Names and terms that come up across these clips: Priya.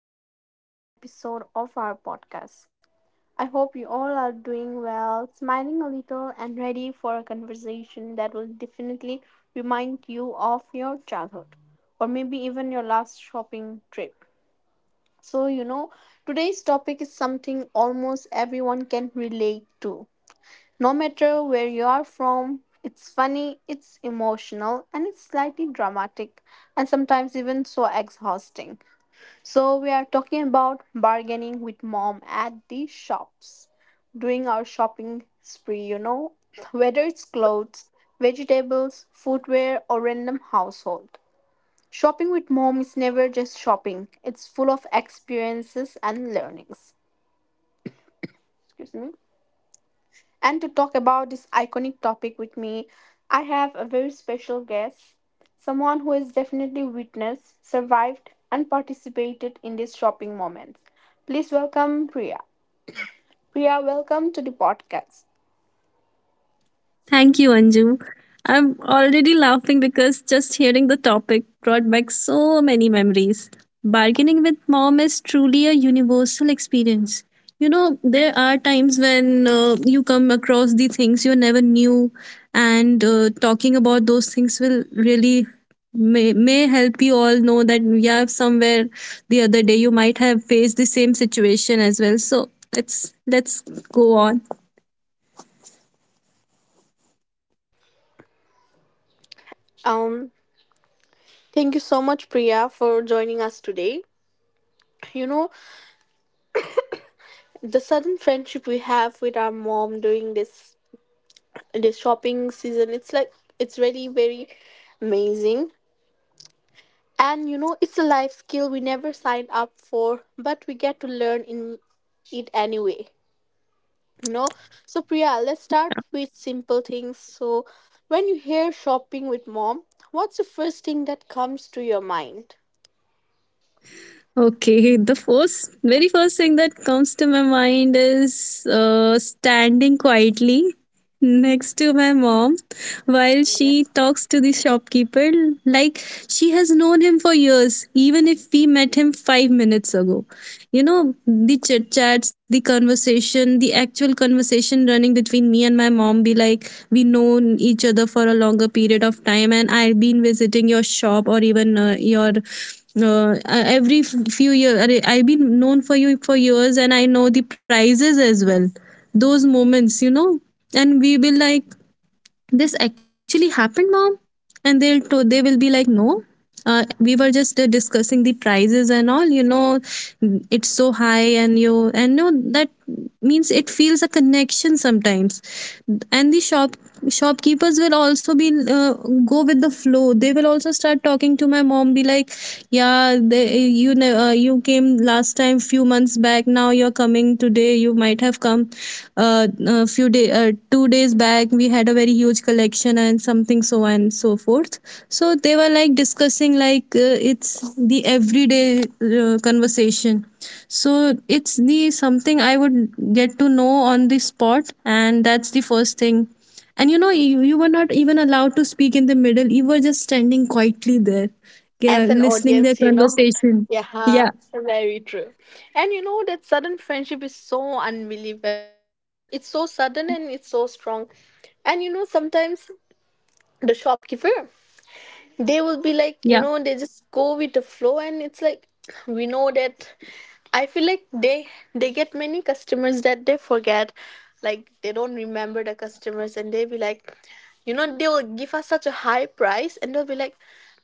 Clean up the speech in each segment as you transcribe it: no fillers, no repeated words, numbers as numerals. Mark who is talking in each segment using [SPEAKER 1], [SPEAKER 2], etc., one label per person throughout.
[SPEAKER 1] welcome back to another episode of our podcast. I hope you all are doing well, smiling a little, and ready for a conversation that will definitely remind you of your childhood or maybe even your last shopping trip. So, you know, today's topic is something almost everyone can relate to. No matter where you are from, it's funny, it's emotional, and it's slightly dramatic, and sometimes even so exhausting. So, we are talking about bargaining with mom at the shops during our shopping spree, you know, whether it's clothes, vegetables, footwear, or random household. Shopping with mom is never just shopping, it's full of experiences and learnings. Excuse me. And to talk about this iconic topic with me, I have a very special guest, someone who has definitely witnessed, survived, and participated in these shopping moments. Please welcome Priya. Priya, welcome to the podcast.
[SPEAKER 2] Thank you, Anju. I'm already laughing because just hearing the topic brought back so many memories. Bargaining with mom is truly a universal experience. You know, there are times when you come across the things you never knew, and talking about those things will really may help you all know that yeah, somewhere the other day you might have faced the same situation as well. So let's go on.
[SPEAKER 1] Um, Thank you so much, Priya, for joining us today. You know, the sudden friendship we have with our mom during this shopping season, it's like it's really very amazing. And you know, it's a life skill we never signed up for, but we get to learn in it anyway. You know, so Priya, let's start with simple things. So, when you hear shopping with mom, what's the first thing that comes to your mind?
[SPEAKER 2] Okay, the first, very first thing that comes to my mind is standing quietly next to my mom while she
[SPEAKER 1] Yes.
[SPEAKER 2] talks to the shopkeeper. Like she has known him for years, even if we met him 5 minutes ago. You know, the chit chats, the conversation, the actual conversation running between me and my mom be like, we know each other for a longer period of time and I've been visiting your shop or even your few years, I've been known for you for years and I know the prices as well. Those moments, you know. And we will like, this actually happened, mom. And they'll they will be like no, we were just discussing the prices and all, you know, it's so high and you, and no, that means it feels a connection sometimes. And the shop shopkeepers will also be go with the flow. They will also start talking to my mom be like, yeah, they, you know, you came last time few months back, now you're coming today. You might have come uh, a few day 2 days back. We had a very huge collection and something so and so forth. So they were like discussing like, it's the everyday conversation. So it's the something I would get to know on the spot, and that's the first thing. And you know, you were not even allowed to speak in the middle. You were just standing quietly there, yeah,
[SPEAKER 1] As an
[SPEAKER 2] listening their
[SPEAKER 1] audience,
[SPEAKER 2] conversation.
[SPEAKER 1] Yeah,
[SPEAKER 2] Yeah.
[SPEAKER 1] very true. And you know, that sudden friendship is so unbelievable. It's so sudden and it's so strong. And you know, sometimes the shopkeeper, they
[SPEAKER 2] Yeah,
[SPEAKER 1] will be like, you know, they just go with the flow and it's like, we know that. I feel like they get many customers that they forget, like they don't remember the customers, and they be like, you know, they will give us such a high price and they'll be like,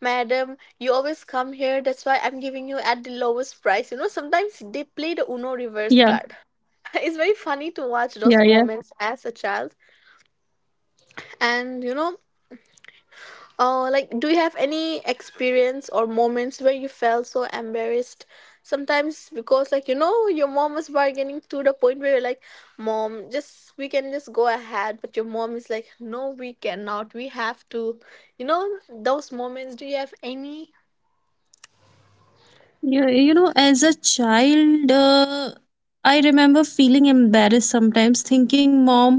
[SPEAKER 1] madam, you always come here, that's why I'm giving you at the lowest price. You know, sometimes they play the Uno reverse
[SPEAKER 2] yeah,
[SPEAKER 1] card. It's very funny to watch
[SPEAKER 2] yeah,
[SPEAKER 1] those
[SPEAKER 2] yeah.
[SPEAKER 1] moments as a child. And you know, uh, like, do you have any experience or moments where you felt so embarrassed? Sometimes because, like, you know, your mom was bargaining to the point where you're like, Mom, just we can just go ahead, but your mom is like, No, we cannot, we have to. You know, those moments, do you have any?
[SPEAKER 2] You know, as a child, I remember feeling embarrassed sometimes, thinking, mom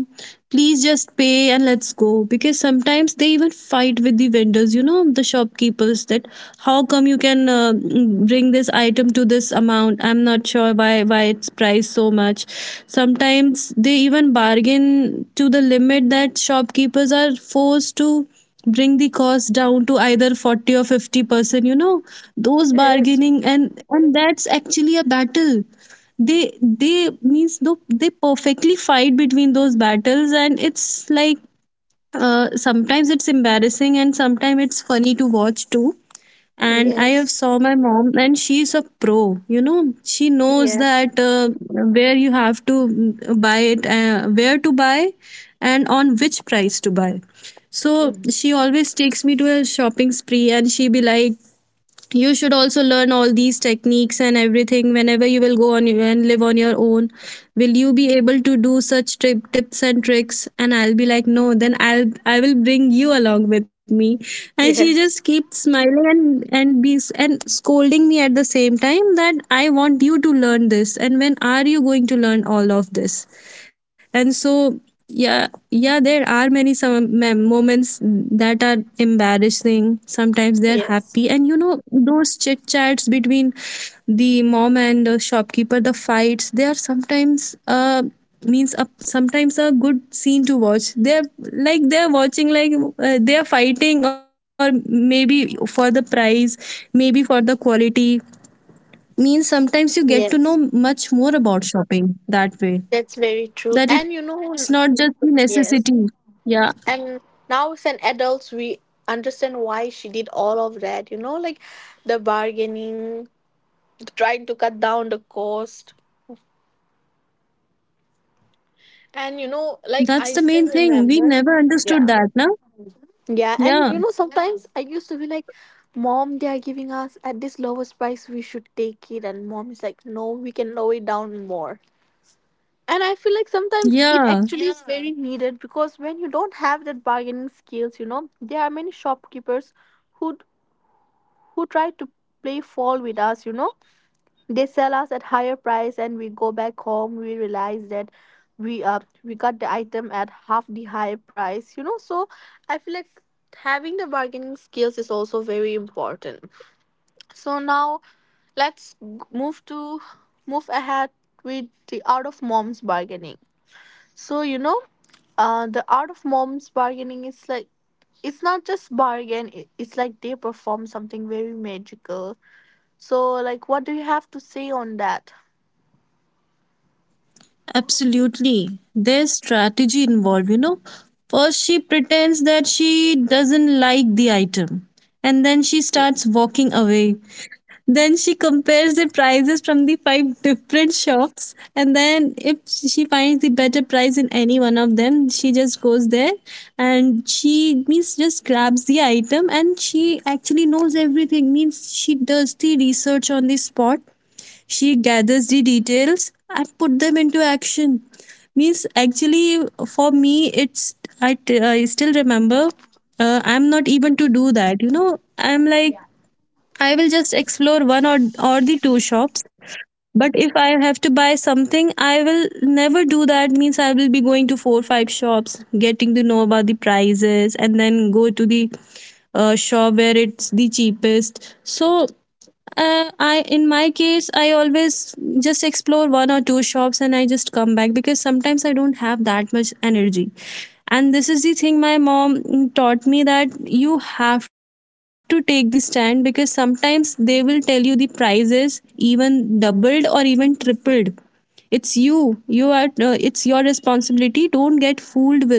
[SPEAKER 2] please just pay and let's go, because sometimes they even fight with the vendors, you know, the shopkeepers, that how come you can bring this item to this amount. I'm not sure why it's priced so much. Sometimes they even bargain to the limit that shopkeepers are forced to bring the cost down to either 40 or 50%, you know. Those
[SPEAKER 1] Yes,
[SPEAKER 2] bargaining, and that's actually a battle. They means though they perfectly fight between those battles, and it's like, sometimes it's embarrassing and sometimes it's funny to watch too. And I have
[SPEAKER 1] yes,
[SPEAKER 2] saw my mom, and she's a pro, you know. She knows
[SPEAKER 1] yes,
[SPEAKER 2] that where you have to buy it, where to buy and on which price to buy. So
[SPEAKER 1] Mm,
[SPEAKER 2] she always takes me to a shopping spree, and she be like, you should also learn all these techniques and everything. Whenever you will go on and live on your own, will you be able to do such trip tips and tricks? And I'll be like no, then I will bring you along with me. And she just
[SPEAKER 1] yes,
[SPEAKER 2] keeps smiling and be and scolding me at the same time, that I want you to learn this, and when are you going to learn all of this? And so, yeah, yeah, there are many some moments that are embarrassing, sometimes they're
[SPEAKER 1] yes,
[SPEAKER 2] happy. And you know, those chit chats between the mom and the shopkeeper, the fights, they are sometimes means sometimes a good scene to watch. They're like they're watching like, they're fighting or maybe for the price, maybe for the quality. Means sometimes you get to know
[SPEAKER 1] yes.
[SPEAKER 2] much more about shopping that way,
[SPEAKER 1] That's very true. And you
[SPEAKER 2] that it's
[SPEAKER 1] know,
[SPEAKER 2] not just a
[SPEAKER 1] yes.
[SPEAKER 2] necessity. Yeah,
[SPEAKER 1] And now as an adults, we understand why she did all of that, you know, like the bargaining, trying to cut down the cost. And you know, like
[SPEAKER 2] that's
[SPEAKER 1] I
[SPEAKER 2] the
[SPEAKER 1] still
[SPEAKER 2] main thing. We
[SPEAKER 1] remember.
[SPEAKER 2] never understood
[SPEAKER 1] Yeah,
[SPEAKER 2] that, no?
[SPEAKER 1] yeah. And you know,
[SPEAKER 2] Yeah,
[SPEAKER 1] sometimes I used to be like, mom, they are giving us at this lowest price, we should take it, and mom is like, no, we can lower it down more. And I feel like sometimes it
[SPEAKER 2] yeah,
[SPEAKER 1] actually is, Yeah, very needed, because when you don't have that bargaining skills, you know, there are many shopkeepers who who try to play fall with us, you know. They sell us at higher price and we go back home, we realize that we uh we got the item at half the higher price, you know. So I feel like having the bargaining skills is also very important. So now, move to move ahead with the art of mom's bargaining. So you know, the art of mom's bargaining is like, it's not just bargain, it's like they perform something very magical. So, like, what do you have to say on that?
[SPEAKER 2] absolutely. There's strategy involved, you know. First, she pretends that she doesn't like the item, and then she
[SPEAKER 1] Ye-
[SPEAKER 2] starts walking away. Then she compares the prices from the five different shops, and then if she finds the better price in any one of them, she just goes there. And she means just grabs the item, and she actually knows everything. Means she does the research on the spot, she gathers the details and put them into action. Means actually for me, it's I still remember, I'm not even to do that. You know, I'm like,
[SPEAKER 1] Yeah.
[SPEAKER 2] I will just explore one or the two shops. But if I have to buy something, I will never do that. Means I will be going to four five shops, getting to know about the prices, and then go to the shop where it's the cheapest. So I in my case I always just explore one or two shops and I just come back because sometimes I don't have that much energy. And this is the thing my mom taught me, that you have to take this stand because sometimes they will tell you the prices even doubled or even tripled. It's you. You are. It's your responsibility. Don't get fooled with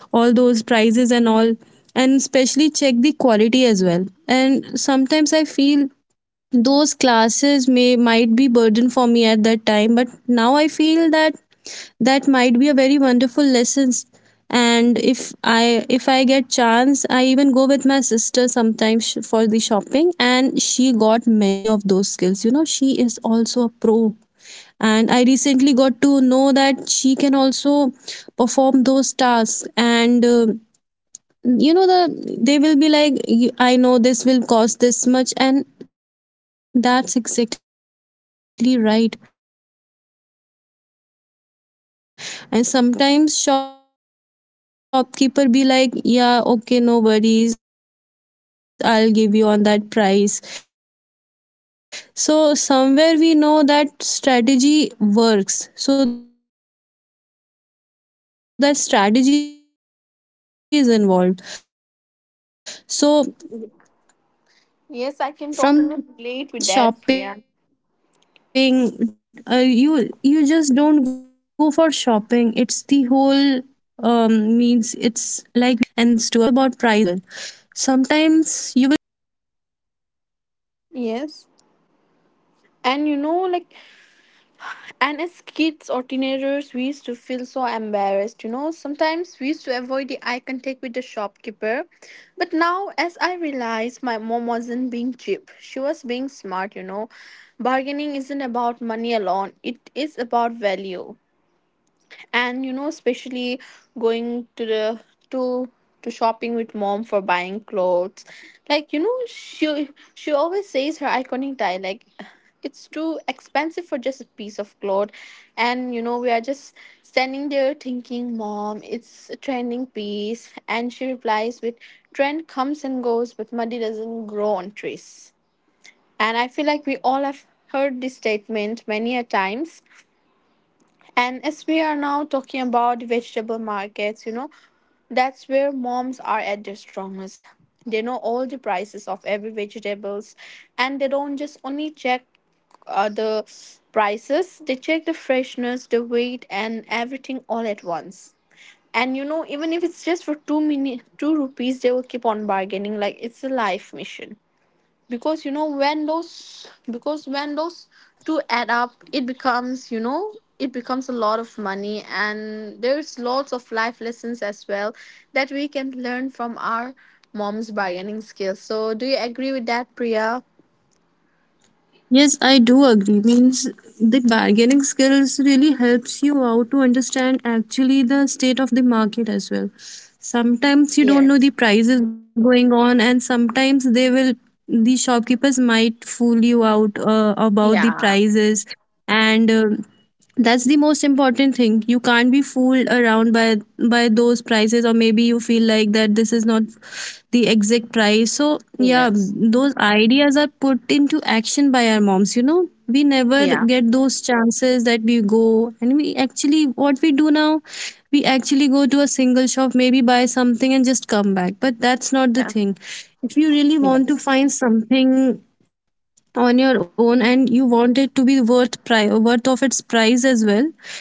[SPEAKER 2] all those prices and all, and especially check the quality as well. And sometimes I feel those classes may might be burden for me at that time, but now I feel that that might be a very wonderful lessons. And if I get chance I even go with my sister sometimes for shopping, and she got many of those skills, you know, she is also a pro. And I recently got to know that she can also perform those tasks, and you know, they will be like, I know this will cost this much," and that's exactly right. And sometimes shopkeeper be like, yeah, okay, no worries, I'll give you on that price. So somewhere we know that strategy works, so that strategy is involved. So from shopping, you just don't go for shopping, it's the whole means, it's like you have to perform that strategy and all the planning beforehand, and then you explore the things out. And then you actually comes
[SPEAKER 1] Yes, I
[SPEAKER 2] to
[SPEAKER 1] can totally
[SPEAKER 2] know
[SPEAKER 1] relate
[SPEAKER 2] each
[SPEAKER 1] with
[SPEAKER 2] and
[SPEAKER 1] that,
[SPEAKER 2] everything
[SPEAKER 1] Priya.
[SPEAKER 2] about that. And you know, it's not always about prices, it's sometimes about the quality as well. Sometimes you will get that quality, even might be it's a fabric or
[SPEAKER 1] Yes.
[SPEAKER 2] maybe veggies or
[SPEAKER 1] And you know,
[SPEAKER 2] something. You
[SPEAKER 1] like,
[SPEAKER 2] might feel that it's
[SPEAKER 1] and
[SPEAKER 2] not
[SPEAKER 1] as kids
[SPEAKER 2] uh,
[SPEAKER 1] or teenagers, we
[SPEAKER 2] means
[SPEAKER 1] used to
[SPEAKER 2] it's
[SPEAKER 1] feel
[SPEAKER 2] not
[SPEAKER 1] so
[SPEAKER 2] of that
[SPEAKER 1] embarrassed. You
[SPEAKER 2] quality,
[SPEAKER 1] know,
[SPEAKER 2] or maybe the
[SPEAKER 1] sometimes we used
[SPEAKER 2] price
[SPEAKER 1] to
[SPEAKER 2] is
[SPEAKER 1] avoid
[SPEAKER 2] not
[SPEAKER 1] the eye
[SPEAKER 2] matching to
[SPEAKER 1] contact
[SPEAKER 2] its
[SPEAKER 1] with the
[SPEAKER 2] quality.
[SPEAKER 1] shopkeeper.
[SPEAKER 2] So
[SPEAKER 1] But now, as
[SPEAKER 2] sometimes
[SPEAKER 1] I
[SPEAKER 2] we have to
[SPEAKER 1] realized, my
[SPEAKER 2] see
[SPEAKER 1] mom
[SPEAKER 2] that as
[SPEAKER 1] wasn't
[SPEAKER 2] well.
[SPEAKER 1] being cheap. She
[SPEAKER 2] Sometimes
[SPEAKER 1] was being smart,
[SPEAKER 2] while
[SPEAKER 1] you know.
[SPEAKER 2] you know, while
[SPEAKER 1] Bargaining isn't
[SPEAKER 2] buying
[SPEAKER 1] about money
[SPEAKER 2] fabrics,
[SPEAKER 1] alone,
[SPEAKER 2] it's
[SPEAKER 1] it is
[SPEAKER 2] considered that
[SPEAKER 1] about
[SPEAKER 2] you have to
[SPEAKER 1] value.
[SPEAKER 2] go with the
[SPEAKER 1] And
[SPEAKER 2] skin
[SPEAKER 1] you know,
[SPEAKER 2] friendly
[SPEAKER 1] especially
[SPEAKER 2] ones, and
[SPEAKER 1] going to
[SPEAKER 2] you
[SPEAKER 1] the
[SPEAKER 2] often
[SPEAKER 1] to
[SPEAKER 2] touch them and
[SPEAKER 1] to
[SPEAKER 2] understand the
[SPEAKER 1] shopping with mom for
[SPEAKER 2] softness or
[SPEAKER 1] buying
[SPEAKER 2] the
[SPEAKER 1] clothes.
[SPEAKER 2] comfortness of the
[SPEAKER 1] Like, you know,
[SPEAKER 2] fabric.
[SPEAKER 1] she
[SPEAKER 2] And those
[SPEAKER 1] always
[SPEAKER 2] things
[SPEAKER 1] says
[SPEAKER 2] were
[SPEAKER 1] her
[SPEAKER 2] taught
[SPEAKER 1] iconic
[SPEAKER 2] to
[SPEAKER 1] tie
[SPEAKER 2] me by
[SPEAKER 1] like,
[SPEAKER 2] my mom,
[SPEAKER 1] it's too
[SPEAKER 2] and that's the
[SPEAKER 1] expensive
[SPEAKER 2] best
[SPEAKER 1] for
[SPEAKER 2] thing.
[SPEAKER 1] just a
[SPEAKER 2] And
[SPEAKER 1] piece
[SPEAKER 2] now
[SPEAKER 1] of cloth.
[SPEAKER 2] whenever I go to
[SPEAKER 1] And you
[SPEAKER 2] shopping,
[SPEAKER 1] know,
[SPEAKER 2] I
[SPEAKER 1] we are
[SPEAKER 2] just
[SPEAKER 1] just
[SPEAKER 2] learn I
[SPEAKER 1] standing
[SPEAKER 2] have
[SPEAKER 1] there
[SPEAKER 2] learned those
[SPEAKER 1] thinking,
[SPEAKER 2] skills, and I just
[SPEAKER 1] mom, it's
[SPEAKER 2] perform
[SPEAKER 1] a
[SPEAKER 2] them by
[SPEAKER 1] trending
[SPEAKER 2] my own.
[SPEAKER 1] piece,
[SPEAKER 2] I
[SPEAKER 1] and
[SPEAKER 2] just
[SPEAKER 1] she
[SPEAKER 2] used to
[SPEAKER 1] replies
[SPEAKER 2] find the
[SPEAKER 1] with,
[SPEAKER 2] most.
[SPEAKER 1] trend comes and goes but money doesn't grow on trees. And I feel like we all have heard this statement many a times. And as we are now talking about vegetable markets, you know, that's where moms are at their strongest. They know all the prices of every vegetables, and they don't just only check the prices, they check the freshness, the weight and everything all at once. And you know, even if it's just for two minute two rupees, they will keep on bargaining like it's a life mission. Because you know when those, two add up, it becomes, you know, it becomes a lot of money, and there's lots of life lessons as well that we can learn from our mom's bargaining skills. So do you agree with that, Priya?
[SPEAKER 2] Yes, I do agree. Means the bargaining skills really helps you out to understand actually the state of the market as well. Sometimes you don't know
[SPEAKER 1] Yes,
[SPEAKER 2] the prices going on, and sometimes the shopkeepers might fool you out about the
[SPEAKER 1] yeah,
[SPEAKER 2] prices. And that's the most important thing, you can't be fooled around by those prices, or maybe you feel like that this is not the exact price. So yeah,
[SPEAKER 1] yes,
[SPEAKER 2] those ideas are put into action by our moms, you know. We never
[SPEAKER 1] yeah,
[SPEAKER 2] get those chances that we go, and we actually, what we do now, we actually go to a single shop, maybe buy something and just come back, but that's not the
[SPEAKER 1] yeah,
[SPEAKER 2] thing. If you really want to
[SPEAKER 1] yes,
[SPEAKER 2] find something on your own and you want it to be worth of its price as well,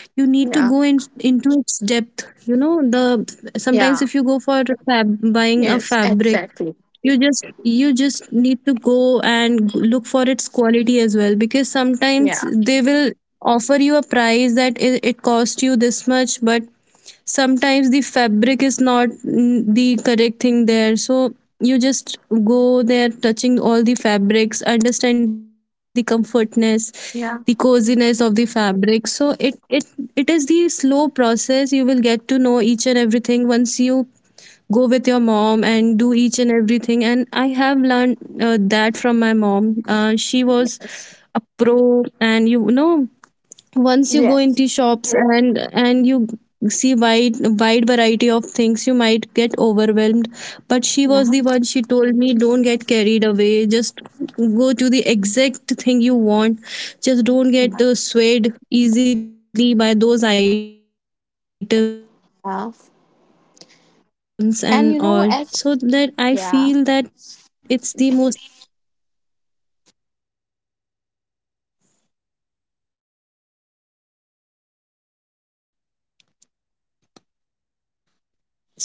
[SPEAKER 2] you need to go
[SPEAKER 1] yeah,
[SPEAKER 2] into its depth, you know, the sometimes
[SPEAKER 1] yeah,
[SPEAKER 2] if you go for buying a
[SPEAKER 1] yes,
[SPEAKER 2] fabric,
[SPEAKER 1] exactly.
[SPEAKER 2] you just need to go and look for its quality as well because sometimes
[SPEAKER 1] Yeah,
[SPEAKER 2] they will offer you a price that it cost you this much, but sometimes the fabric is not the correct thing there. So you just go there touching all the fabrics, understand the comfortness, the
[SPEAKER 1] yeah,
[SPEAKER 2] coziness of the fabric, so it is the slow process. You will get to know each and everything once you go with your mom and do each and everything. And I have learned, that from my mom, she was
[SPEAKER 1] yes,
[SPEAKER 2] a pro. And you know, once you go
[SPEAKER 1] yes,
[SPEAKER 2] into shops, and you see wide variety of things, you might get overwhelmed. But she was
[SPEAKER 1] yeah,
[SPEAKER 2] the one, she told me don't get carried away, just go To the exact thing you want. Just don't get swayed easily by those items and all, so that I feel that
[SPEAKER 1] yeah.
[SPEAKER 2] it's the most important thing there.
[SPEAKER 1] And you know, as yeah,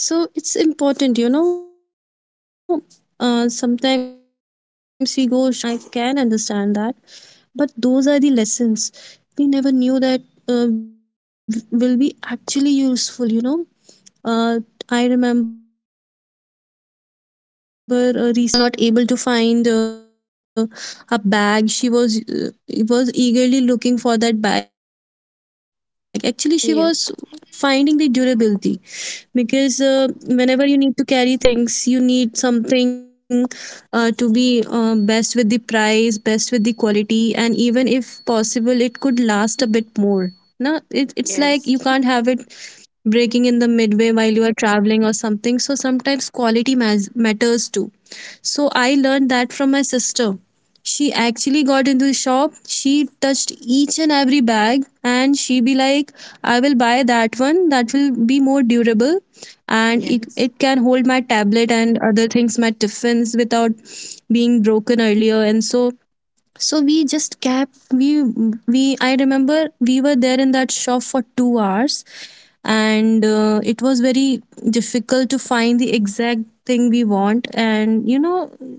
[SPEAKER 2] So it's important, you know, sometimes we go shopping, those moments sometimes they're embarrassing. I can understand that, but those are the lessons we never knew that uh, will be actually useful, you know. Went shopping with my sister, and we were not able to find a bag. She was eagerly looking for that bag. Actually, she was finding the
[SPEAKER 1] yes.
[SPEAKER 2] durability, because whenever you need to carry things, you need something, to be best with the price, best with the quality, and even if possible it could last a bit more. No, it's like you can't have it
[SPEAKER 1] Yes.
[SPEAKER 2] breaking in the midway while you are traveling or something, so sometimes quality matters too. So I learned that from my sister. She actually got into the shop. She touched each and every bag and she be like, I will buy that one, that will be more durable, and it
[SPEAKER 1] Yes.
[SPEAKER 2] can hold my tablet and other things, my tiffins without being broken earlier. So we just kept we I remember we were there in that shop for 2 hours, and it was very difficult to find the exact thing we want. And you know,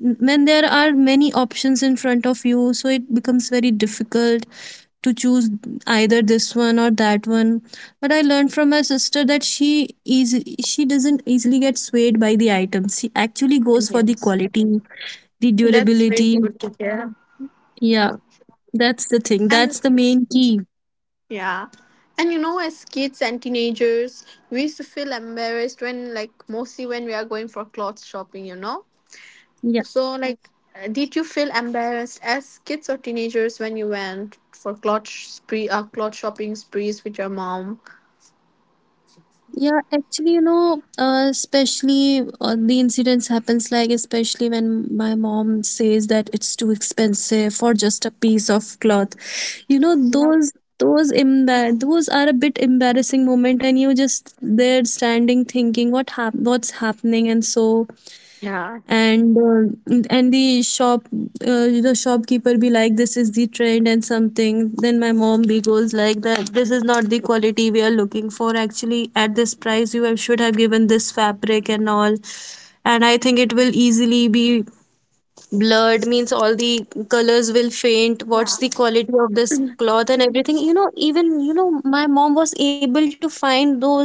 [SPEAKER 2] when there are many options in front of you, so it becomes very difficult to choose, either this one or that one. But I learned from my sister that is she doesn't easily get swayed by the items. She actually goes for the
[SPEAKER 1] Yes.
[SPEAKER 2] quality, the
[SPEAKER 1] That's very
[SPEAKER 2] durability.
[SPEAKER 1] good to hear.
[SPEAKER 2] Yeah, that's the thing. That's
[SPEAKER 1] And
[SPEAKER 2] the main key.
[SPEAKER 1] Yeah. And you know, as kids and teenagers, we used to feel embarrassed when, like, mostly when we are going for clothes shopping, you know?
[SPEAKER 2] Yeah.
[SPEAKER 1] So, like, did you feel embarrassed as kids or teenagers when you went for clothes spree, clothes shopping sprees with your mom?
[SPEAKER 2] Yeah, actually, you know, especially the incidents happens like, especially when my mom says that it's too expensive for just a piece of cloth. You know,
[SPEAKER 1] Yeah.
[SPEAKER 2] those those are a bit embarrassing moment, and you just there standing thinking what's happening. And so, and the shop the shopkeeper be like, this is the trend and something. Then my mom be goes like that, this is not the quality we are looking for. Actually at this price you should have given this fabric and all. And I think it will easily be blurred, means all the colors will faint. What's
[SPEAKER 1] Yeah.
[SPEAKER 2] the quality of this cloth and everything? You know, even you know my mom was able to find those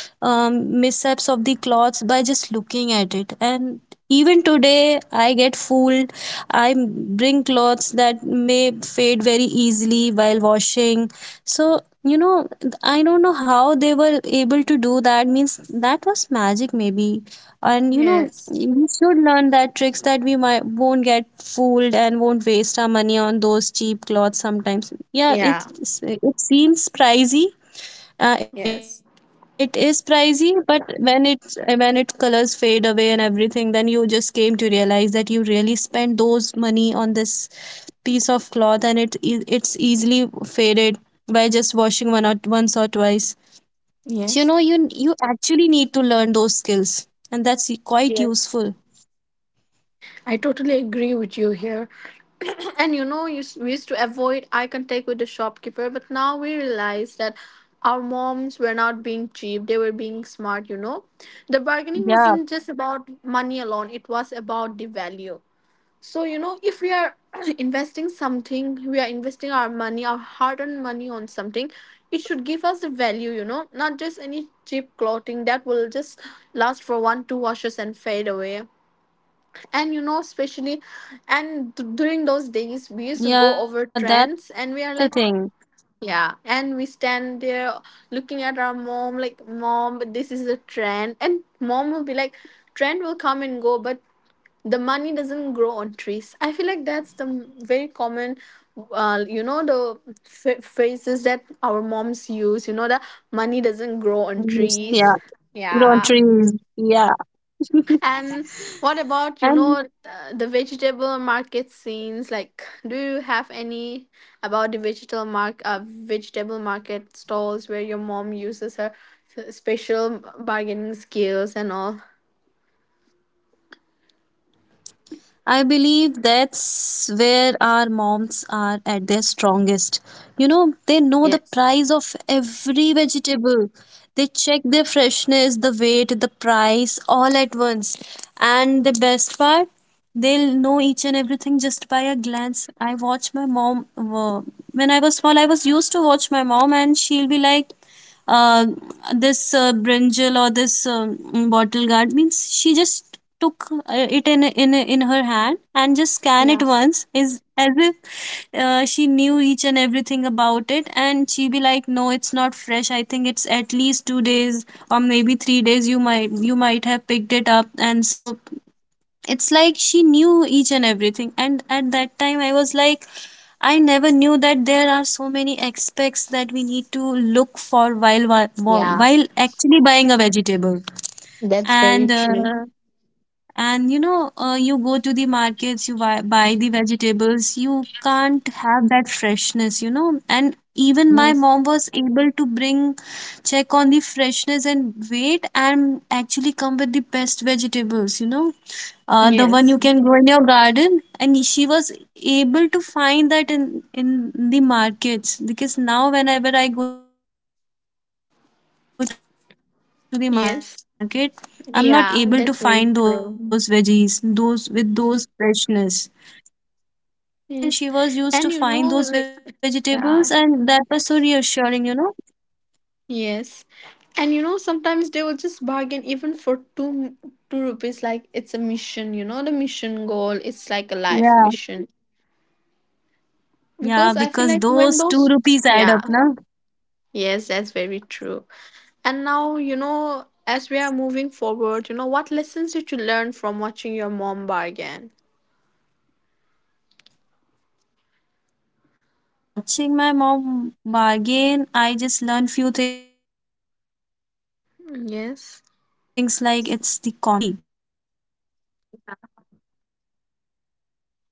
[SPEAKER 2] mishaps of the cloths by just looking at it. And even today I get fooled. I bring cloths that may fade very easily while washing. So, you know, I don't know how they were able to do that, means that was magic maybe. And you know,
[SPEAKER 1] Yes.
[SPEAKER 2] we should learn that tricks, that we might won't get fooled, and won't waste our money on those cheap clothes sometimes. Yeah, it
[SPEAKER 1] Yeah.
[SPEAKER 2] it seems pricey. It is
[SPEAKER 1] Yes.
[SPEAKER 2] pricey, but when it's when its colors fade away and everything, then you just came to realize that you really spent those money on this piece of cloth, and it's easily faded by just washing one or once or twice. So, you know,
[SPEAKER 1] Yes.
[SPEAKER 2] you actually need to learn those skills, and that's quite
[SPEAKER 1] Yes.
[SPEAKER 2] useful.
[SPEAKER 1] And you know, we used to avoid eye contact with the shopkeeper, but now we realize that our moms were not being cheap, they were being smart, you know. The bargaining
[SPEAKER 2] Yeah,
[SPEAKER 1] wasn't just about money alone, it was about the value. So, you know, if we are investing something, we are investing our money, our hard earned money on something, it should give us the value, you know, not just any cheap clothing that will just last for one, two washes and fade away. And you know,
[SPEAKER 2] yeah,
[SPEAKER 1] especially
[SPEAKER 2] that's the thing.
[SPEAKER 1] and during those days we used to go over trends and we are like, yeah, and we stand there looking at our mom like, mom, but this is a trend, and mom will be like, trend will come and go, but the money doesn't grow on trees. I feel like that's the very common, you know, the phrases that our moms use, you know, that money doesn't grow on trees.
[SPEAKER 2] Use- yeah,
[SPEAKER 1] Yeah.
[SPEAKER 2] grow trees. Yeah,
[SPEAKER 1] And what about, you know, the
[SPEAKER 2] and
[SPEAKER 1] vegetable market scenes? Like, do you have any about the vegetable mark vegetable market stalls where your mom uses her special bargaining skills and all?
[SPEAKER 2] I believe that's where our moms are at their strongest. You know, they know
[SPEAKER 1] Yes.
[SPEAKER 2] the price of every vegetable. They check their freshness, the weight, the price all at once. And the best part, they'll know each and everything just by a glance. I when I was small, I was used to watch my mom, and she'll be like, uh, this brinjal, or this bottle guard, means she just took it in her hand and just scan it
[SPEAKER 1] Yeah.
[SPEAKER 2] once, is as if she knew each and everything about it. And she be like, no, it's not fresh, I think it's at least 2 days or maybe 3 days you might have picked it up. And so it's like she knew each and everything. And at that time, I was like, I never knew that there are so many aspects that we need to look for while while
[SPEAKER 1] Yeah,
[SPEAKER 2] while actually buying a vegetable.
[SPEAKER 1] that's very
[SPEAKER 2] And
[SPEAKER 1] true.
[SPEAKER 2] uh, and you know, you go to the markets, you buy the vegetables, you can't have that freshness, you know. And even my
[SPEAKER 1] Yes.
[SPEAKER 2] mom was able to bring check on the freshness and weight, and actually come with the best vegetables, you know. The one
[SPEAKER 1] Yes.
[SPEAKER 2] you can grow in your garden, and she was able to find that in the markets, because now whenever I go to the market, I'm not able to find those veggies, those with
[SPEAKER 1] Yes.
[SPEAKER 2] those freshness.
[SPEAKER 1] Yeah, that's very true.
[SPEAKER 2] Yeah, and she just in she goes to the
[SPEAKER 1] Yes.
[SPEAKER 2] market and she
[SPEAKER 1] And
[SPEAKER 2] was
[SPEAKER 1] you know,
[SPEAKER 2] used to
[SPEAKER 1] like,
[SPEAKER 2] find those vegetables,
[SPEAKER 1] yeah.
[SPEAKER 2] and that was so reassuring, you know.
[SPEAKER 1] Yes. And you know, sometimes they will just bargain even for two rupees, like it's a mission, you know, the mission goal. It's like a life
[SPEAKER 2] Yeah.
[SPEAKER 1] mission. Because I
[SPEAKER 2] Yeah,
[SPEAKER 1] feel like
[SPEAKER 2] because
[SPEAKER 1] when
[SPEAKER 2] those
[SPEAKER 1] those,
[SPEAKER 2] two rupees
[SPEAKER 1] Yeah.
[SPEAKER 2] add up, na.
[SPEAKER 1] Yes, that's very true. And now, you know, as we are moving forward, you know, what lessons did you learn from watching your mom bargain?
[SPEAKER 2] While watching my mom bargain, I just learned few things like, it's the confidence, the
[SPEAKER 1] Yes.
[SPEAKER 2] communication, and standing your ground politely. Because she able to present her point,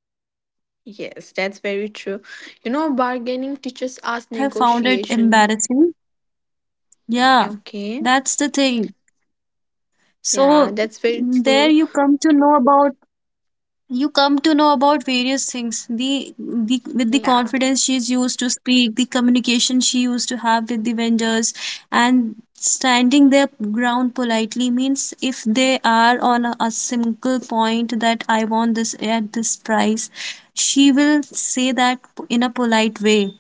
[SPEAKER 2] and actually
[SPEAKER 1] Yes,
[SPEAKER 2] she
[SPEAKER 1] that's
[SPEAKER 2] was
[SPEAKER 1] very
[SPEAKER 2] correct.
[SPEAKER 1] true.
[SPEAKER 2] Maybe
[SPEAKER 1] You
[SPEAKER 2] I
[SPEAKER 1] know,
[SPEAKER 2] at that
[SPEAKER 1] bargaining
[SPEAKER 2] moment
[SPEAKER 1] teaches
[SPEAKER 2] I
[SPEAKER 1] us
[SPEAKER 2] might have found it
[SPEAKER 1] negotiation.
[SPEAKER 2] embarrassing. Yeah,
[SPEAKER 1] Okay.
[SPEAKER 2] that's the thing.
[SPEAKER 1] Yeah,
[SPEAKER 2] So
[SPEAKER 1] that's very
[SPEAKER 2] there
[SPEAKER 1] true.
[SPEAKER 2] you come to know about various things. The with the
[SPEAKER 1] Yeah.
[SPEAKER 2] confidence she's used to speak, the communication she used to have with the vendors, and standing their ground politely, means if they are on a single point that I want this at this price, she say that in a polite way.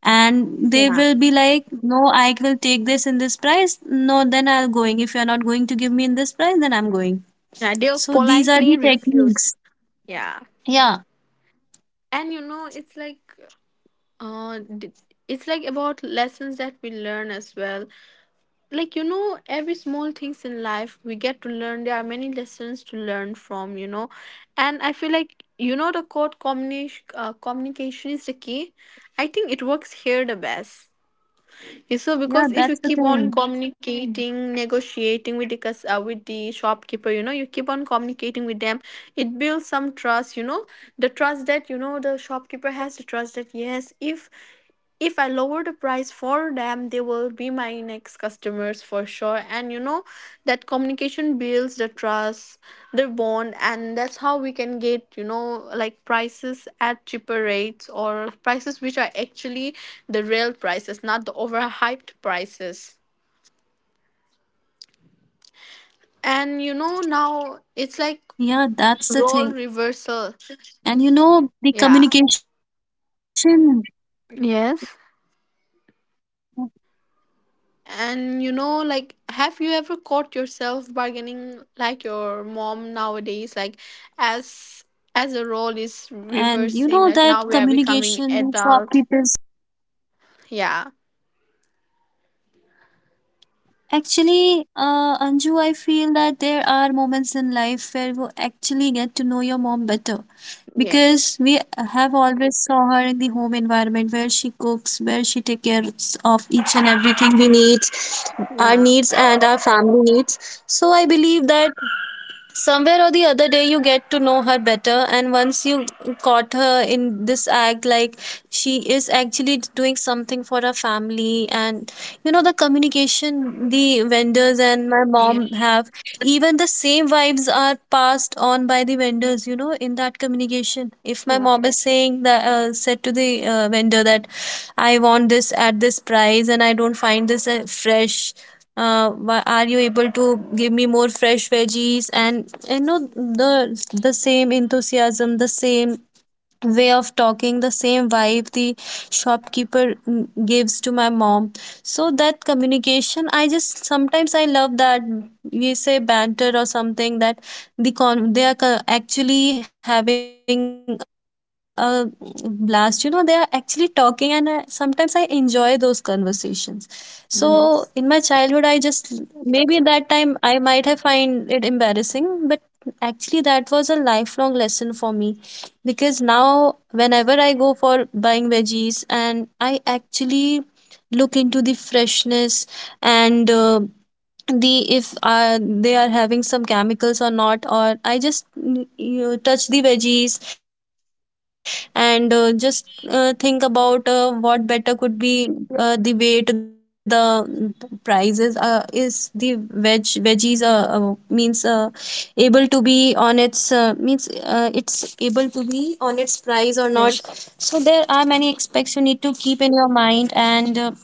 [SPEAKER 2] And they
[SPEAKER 1] Yeah.
[SPEAKER 2] will be like, no, I will take this in this price, no then I'll going, if you're not going to give me in this price then I'm going.
[SPEAKER 1] Yeah, Radil
[SPEAKER 2] So these are
[SPEAKER 1] politely
[SPEAKER 2] the
[SPEAKER 1] refuse.
[SPEAKER 2] techniques.
[SPEAKER 1] Yeah.
[SPEAKER 2] Yeah.
[SPEAKER 1] And you know, it's like uh d- it's like about lessons that we learn as well. Like you know, every small things in life we get to learn. There are many lessons to learn from, you know. And I feel like, you know, the code combination, communication is the key. I think it works here the best. Yeah. So, because
[SPEAKER 2] Yeah,
[SPEAKER 1] if you
[SPEAKER 2] that's the
[SPEAKER 1] keep on Yeah, that's the thing.
[SPEAKER 2] thing.
[SPEAKER 1] Communicating, negotiating with the with the shopkeeper, you know, you keep on communicating with them, it builds some trust. You know, the trust that you know the shopkeeper has to trust that yes, if I lower the price for them, they will be my next customers for sure. And you know, that communication builds the trust, the bond, and that's how we can get, you know, like prices at cheaper rates or prices which are actually the real prices, not the overhyped prices. And you know, now it's like role
[SPEAKER 2] Yeah,
[SPEAKER 1] reversal.
[SPEAKER 2] that's the thing, and you know the
[SPEAKER 1] Yeah.
[SPEAKER 2] communication,
[SPEAKER 1] Yes. And you know, like, have you ever caught yourself bargaining
[SPEAKER 2] and
[SPEAKER 1] like
[SPEAKER 2] you know
[SPEAKER 1] your
[SPEAKER 2] that
[SPEAKER 1] mom nowadays? Like, as as the role is reversing, like now we are becoming adult. Yeah.
[SPEAKER 2] actually, Anju, I feel that there are moments in life where you actually get to know your mom better,
[SPEAKER 1] Yes.
[SPEAKER 2] because we have always saw her in the home environment, where she cooks, where she takes care of each and everything we need,
[SPEAKER 1] Yeah.
[SPEAKER 2] our needs and our family. So I believe that somewhere or the other day, you get to know her better. And once you caught her in this act, like she is actually doing something for her family. And you know, the communication the
[SPEAKER 1] Yeah.
[SPEAKER 2] vendors and my mom have, even the same vibes are passed on by the vendors, you know, in that communication.
[SPEAKER 1] Yeah.
[SPEAKER 2] If my mom is saying that, said to the vendor that I want this at this price and I don't find this fresh, are you able to give me more fresh veggies. And you know, the the same enthusiasm, the same way of talking, the same vibe the shopkeeper gives to my mom. So that communication, I just sometimes I love that we say banter or something, that the con they are co- actually having a blast. You know, they are actually talking, and I, sometimes I enjoy those conversations. So in my childhood, I just
[SPEAKER 1] Yes.
[SPEAKER 2] maybe that time I might have find it embarrassing, but actually that was a lifelong lesson for me, because now whenever I go for buying veggies, and I actually look into the freshness, and the if they are having some chemicals or not. Or I just you touch the veggies, and just think about what better could be, the weight, the prices, is the veg veggies means able to be on its means it's able to be on its price or not.
[SPEAKER 1] Yes.
[SPEAKER 2] So there are many aspects you need to keep in your mind, and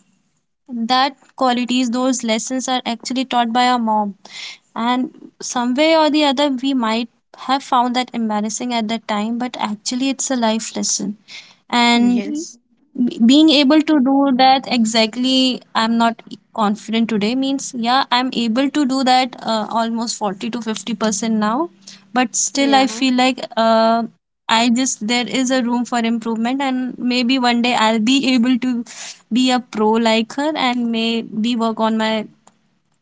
[SPEAKER 2] that qualities, those lessons are actually taught by our mom. And some way or the other we might have found that embarrassing at that time, but actually it's a life lesson.
[SPEAKER 1] Yes.
[SPEAKER 2] And being able to do that exactly, I'm not confident able to do that almost 40 to 50% now. But still I feel
[SPEAKER 1] Yeah.
[SPEAKER 2] like I just there is a room for improvement, and maybe one day I'll be able to be a pro like her, and maybe work on my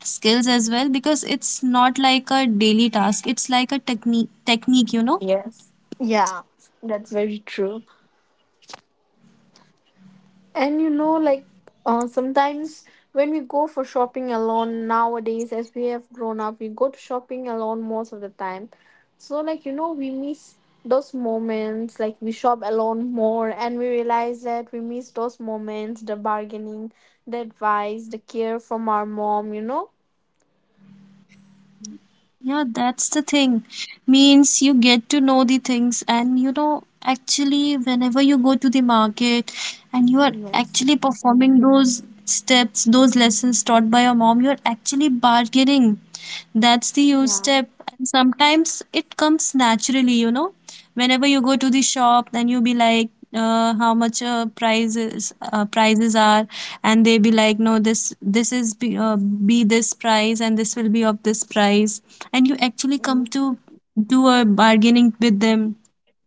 [SPEAKER 2] skills as well, because it's not like a daily task, it's like a technique, you know.
[SPEAKER 1] Yes. Yeah, that's very true. And you know, like, sometimes when we go for shopping alone nowadays, as we have grown up, we go to shopping alone most of the time. So, like, you know, we miss those moments, like, we shop alone more, and we realize that we miss those moments the bargaining, the advice, the care from our mom, you know?
[SPEAKER 2] Yeah, that's the thing. Means you get to know the things, and you know, actually, whenever you go to the market and you are
[SPEAKER 1] Yes.
[SPEAKER 2] actually performing those steps, those lessons taught by your mom, you're actually bargaining. That's the huge
[SPEAKER 1] Yeah.
[SPEAKER 2] step. And sometimes it comes naturally, you know. Whenever you go to the shop, then you be like, how much prices prices are, and they be like, no, this is be this price, and this will be of this price, and you actually come
[SPEAKER 1] Mm.
[SPEAKER 2] to do a bargaining with them.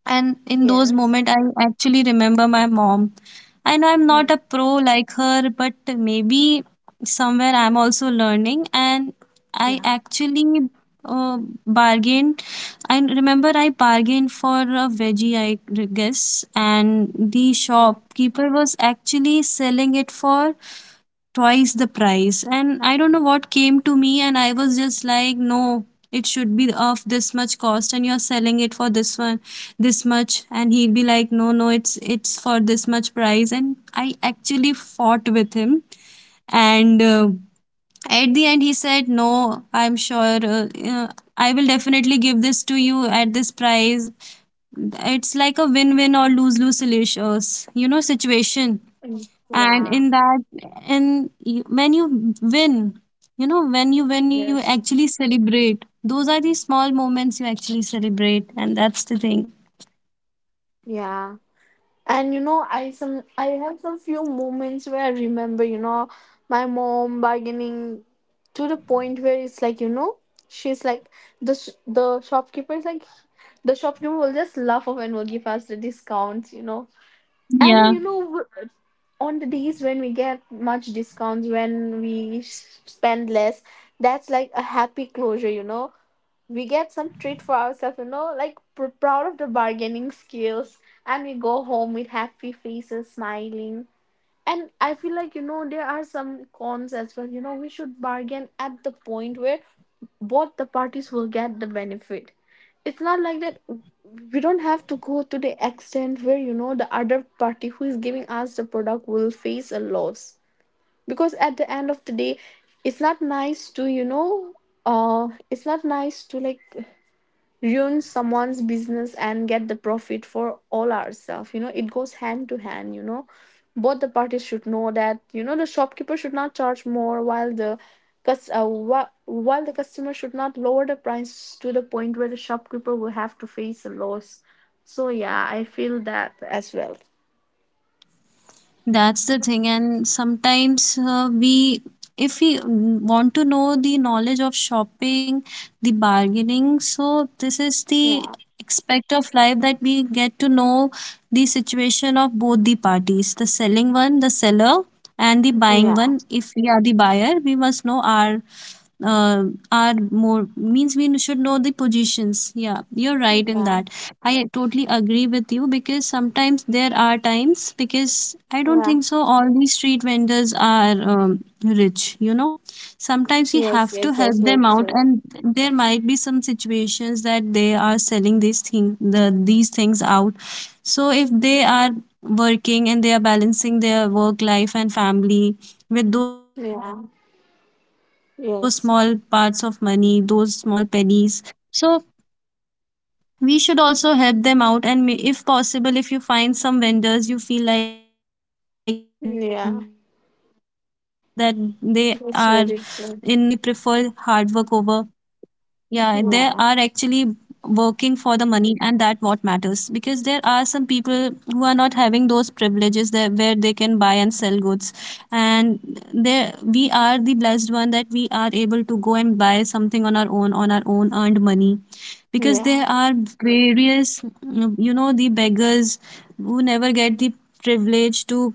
[SPEAKER 2] And in those
[SPEAKER 1] Yes.
[SPEAKER 2] moment, I actually remember my mom, and I'm not
[SPEAKER 1] Mm.
[SPEAKER 2] a pro like her, but maybe somewhere I'm also learning. And I
[SPEAKER 1] Yeah.
[SPEAKER 2] actually uh, bargained. I remember I bargained for a veggie, I guess, and the
[SPEAKER 1] Oh.
[SPEAKER 2] shopkeeper was actually selling it for twice the price. And I don't know what came to me, and I was just like, no, it should be of this much cost and you're selling it for this one this much. And he'll be like, no, no, it's it's for this much price. And I actually fought with him, and at the end he said, no, I'm sure, I will definitely give this to you at this price. It's like a win-win or lose-lose solutions situation.
[SPEAKER 1] Mm.
[SPEAKER 2] And
[SPEAKER 1] Yeah.
[SPEAKER 2] in that, and you, when you win, you know, when you
[SPEAKER 1] Yes.
[SPEAKER 2] actually celebrate, those are the small moments you actually celebrate, and that's the thing.
[SPEAKER 1] Yeah. And you know, I have some few moments where I remember, you know, my mom bargaining to the point where it's like, you know, she's like, the the shopkeeper is like, the shopkeeper will just laugh off and will give us the discounts, you know. And
[SPEAKER 2] Yeah,
[SPEAKER 1] you know on the days when we get much discounts, when we spend less, that's like a happy closure, you know. We get some treat for ourselves, you know, like proud of the bargaining skills, and we go home with happy faces, smiling. And I feel like, you know, there are some cons as well. You know, we should bargain at the point where both the parties will get the benefit. It's not like that we don't have to go to the extent where, you know, the other party who is giving us the product will face a loss. Because at the end of the day, it's not nice to, you know, it's not nice to like ruin someone's business and get the profit for all ourselves, you know, it goes hand to hand, you know. Both the parties should know that, you know, the shopkeeper should not charge more while the while the customer should not lower the price to the point where the shopkeeper will have to face a loss. So yeah, I feel that as well.
[SPEAKER 2] that's the thing. And sometimes, we, if we want to know the knowledge of shopping, the bargaining, so this is the
[SPEAKER 1] Yeah,
[SPEAKER 2] aspect of life that we get to know the situation of both the parties: the selling one, the seller, and the buying
[SPEAKER 1] yeah,
[SPEAKER 2] one. If we are the buyer, we must know our uh, are more. Means we should know the positions. Yeah, you're right in
[SPEAKER 1] yeah,
[SPEAKER 2] that. I totally agree with you, because sometimes there are times, because I don't
[SPEAKER 1] yeah,
[SPEAKER 2] think so all these street vendors are rich, you know. Sometimes you
[SPEAKER 1] yes,
[SPEAKER 2] have
[SPEAKER 1] yes,
[SPEAKER 2] to
[SPEAKER 1] that's
[SPEAKER 2] help
[SPEAKER 1] very
[SPEAKER 2] them out,
[SPEAKER 1] true.
[SPEAKER 2] and there might be some situations that they are selling the these things out. So if they are working and they are balancing their work life and family with those small
[SPEAKER 1] Yeah,
[SPEAKER 2] parts of money, those small
[SPEAKER 1] yes,
[SPEAKER 2] pennies. So we should also help them out. And if possible, if you find some vendors you feel like that they are in a pinch of money, go and buy
[SPEAKER 1] yeah,
[SPEAKER 2] some things with them, because they prefer hard
[SPEAKER 1] that's
[SPEAKER 2] work over,
[SPEAKER 1] very true.
[SPEAKER 2] yeah, they are actually working for the
[SPEAKER 1] Yeah,
[SPEAKER 2] money, and that what matters. Because there are some people who are not having those privileges that where they can buy and sell goods, and there we are the blessed one that we are able to go and buy something on our own, on our own earned money. Because there
[SPEAKER 1] yeah,
[SPEAKER 2] are various, you know, the beggars who never get the privilege to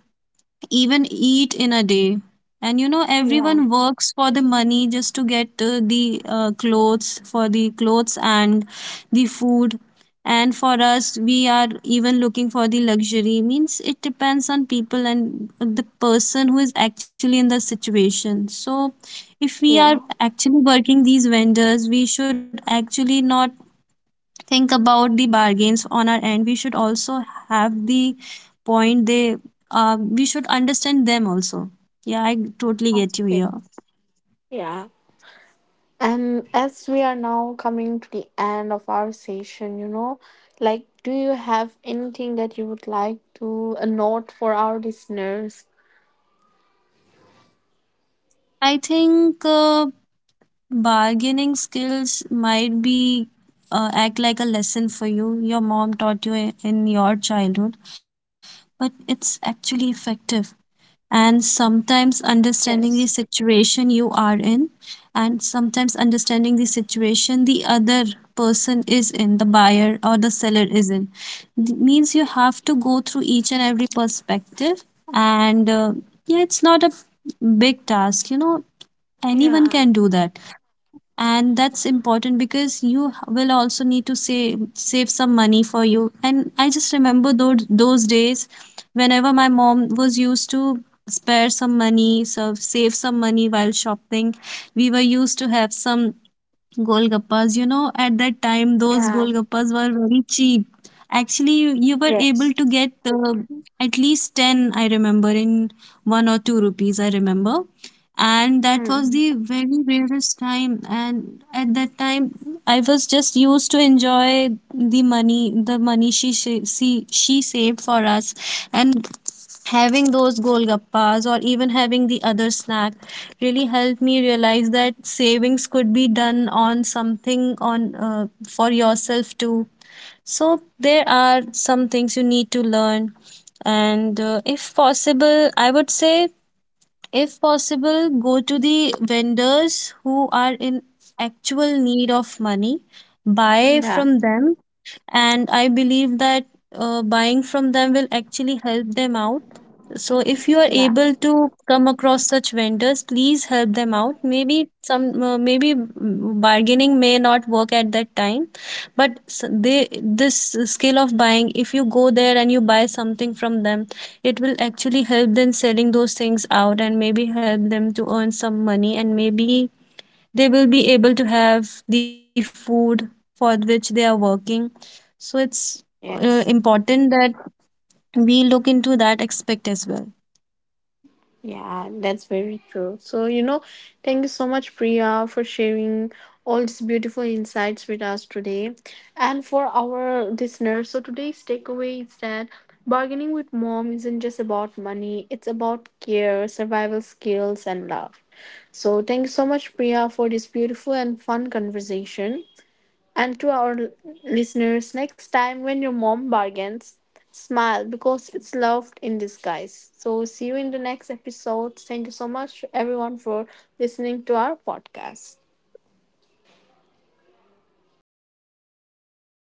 [SPEAKER 2] even eat in a day. And you know,
[SPEAKER 1] yeah.
[SPEAKER 2] everyone works for the money just to get the clothes, for the clothes and the food. And for us, we are even looking for the luxury. Means it depends on people and the person who is actually in the situation. So, if we are
[SPEAKER 1] Yeah.
[SPEAKER 2] actually working these vendors, we should actually not think about the bargains on our end. We should also have the point they, we should understand them also. Yeah, I totally get you
[SPEAKER 1] Okay.
[SPEAKER 2] here.
[SPEAKER 1] Yeah. And as we are now coming to the end of our session, you know, like, do you have anything that you would like to note for our listeners?
[SPEAKER 2] I think, bargaining skills might be, act like a lesson for you your mom taught you in your childhood, but it's actually effective. And sometimes understanding
[SPEAKER 1] Yes.
[SPEAKER 2] the situation you are in, and sometimes understanding the situation the other person is in, the buyer or the seller is in. It means you have to go through each and every perspective, and yeah, it's not a big task, you know, anyone
[SPEAKER 1] Yeah.
[SPEAKER 2] can do that. And that's important, because will also need to save some money for you. And I just remember those days, whenever my mom was used to spare some money, so save some money while shopping, we were used to have some golgappas, you know. At that time those
[SPEAKER 1] Yeah.
[SPEAKER 2] golgappas were very cheap. Actually, you were able
[SPEAKER 1] Yes.
[SPEAKER 2] to get at least 10, I remember, in 1 or 2 rupees, I remember. And that was
[SPEAKER 1] Mm.
[SPEAKER 2] the very rarest time. And at that time, I was just used to enjoy the money she saved for us. And having those golgappas or even having the other snack really helped me realize that savings could be done on something, on, for yourself too. So there are some things you need to learn, and if possible, I would say, if possible, go to the vendors who are in actual need of money, buy
[SPEAKER 1] Yeah.
[SPEAKER 2] from them. And I believe that, buying from them will actually help them out. So if you are
[SPEAKER 1] Yeah.
[SPEAKER 2] able to come across such vendors, please help them out. Maybe some, bargaining may not work at that time, but they this skill of buying, if you go there and you buy something from them, it will actually help them selling those things out, and maybe help them to earn some money, and maybe they will be able to have the food for which they are working. So it's,
[SPEAKER 1] Yes.
[SPEAKER 2] important that we look into that aspect as well.
[SPEAKER 1] Yeah, that's very true. So, you know, thank you so much, Priya, for sharing all these beautiful insights with us today. And for our listeners, so today's takeaway is that bargaining with mom isn't just about money, it's about care, survival skills, and love. So, thank you so much, Priya, for this beautiful and fun conversation. And to our listeners, next time when your mom bargains, smile because it's love in disguise. So, see you in the next episode. Thank you so much, everyone, for listening to our podcast.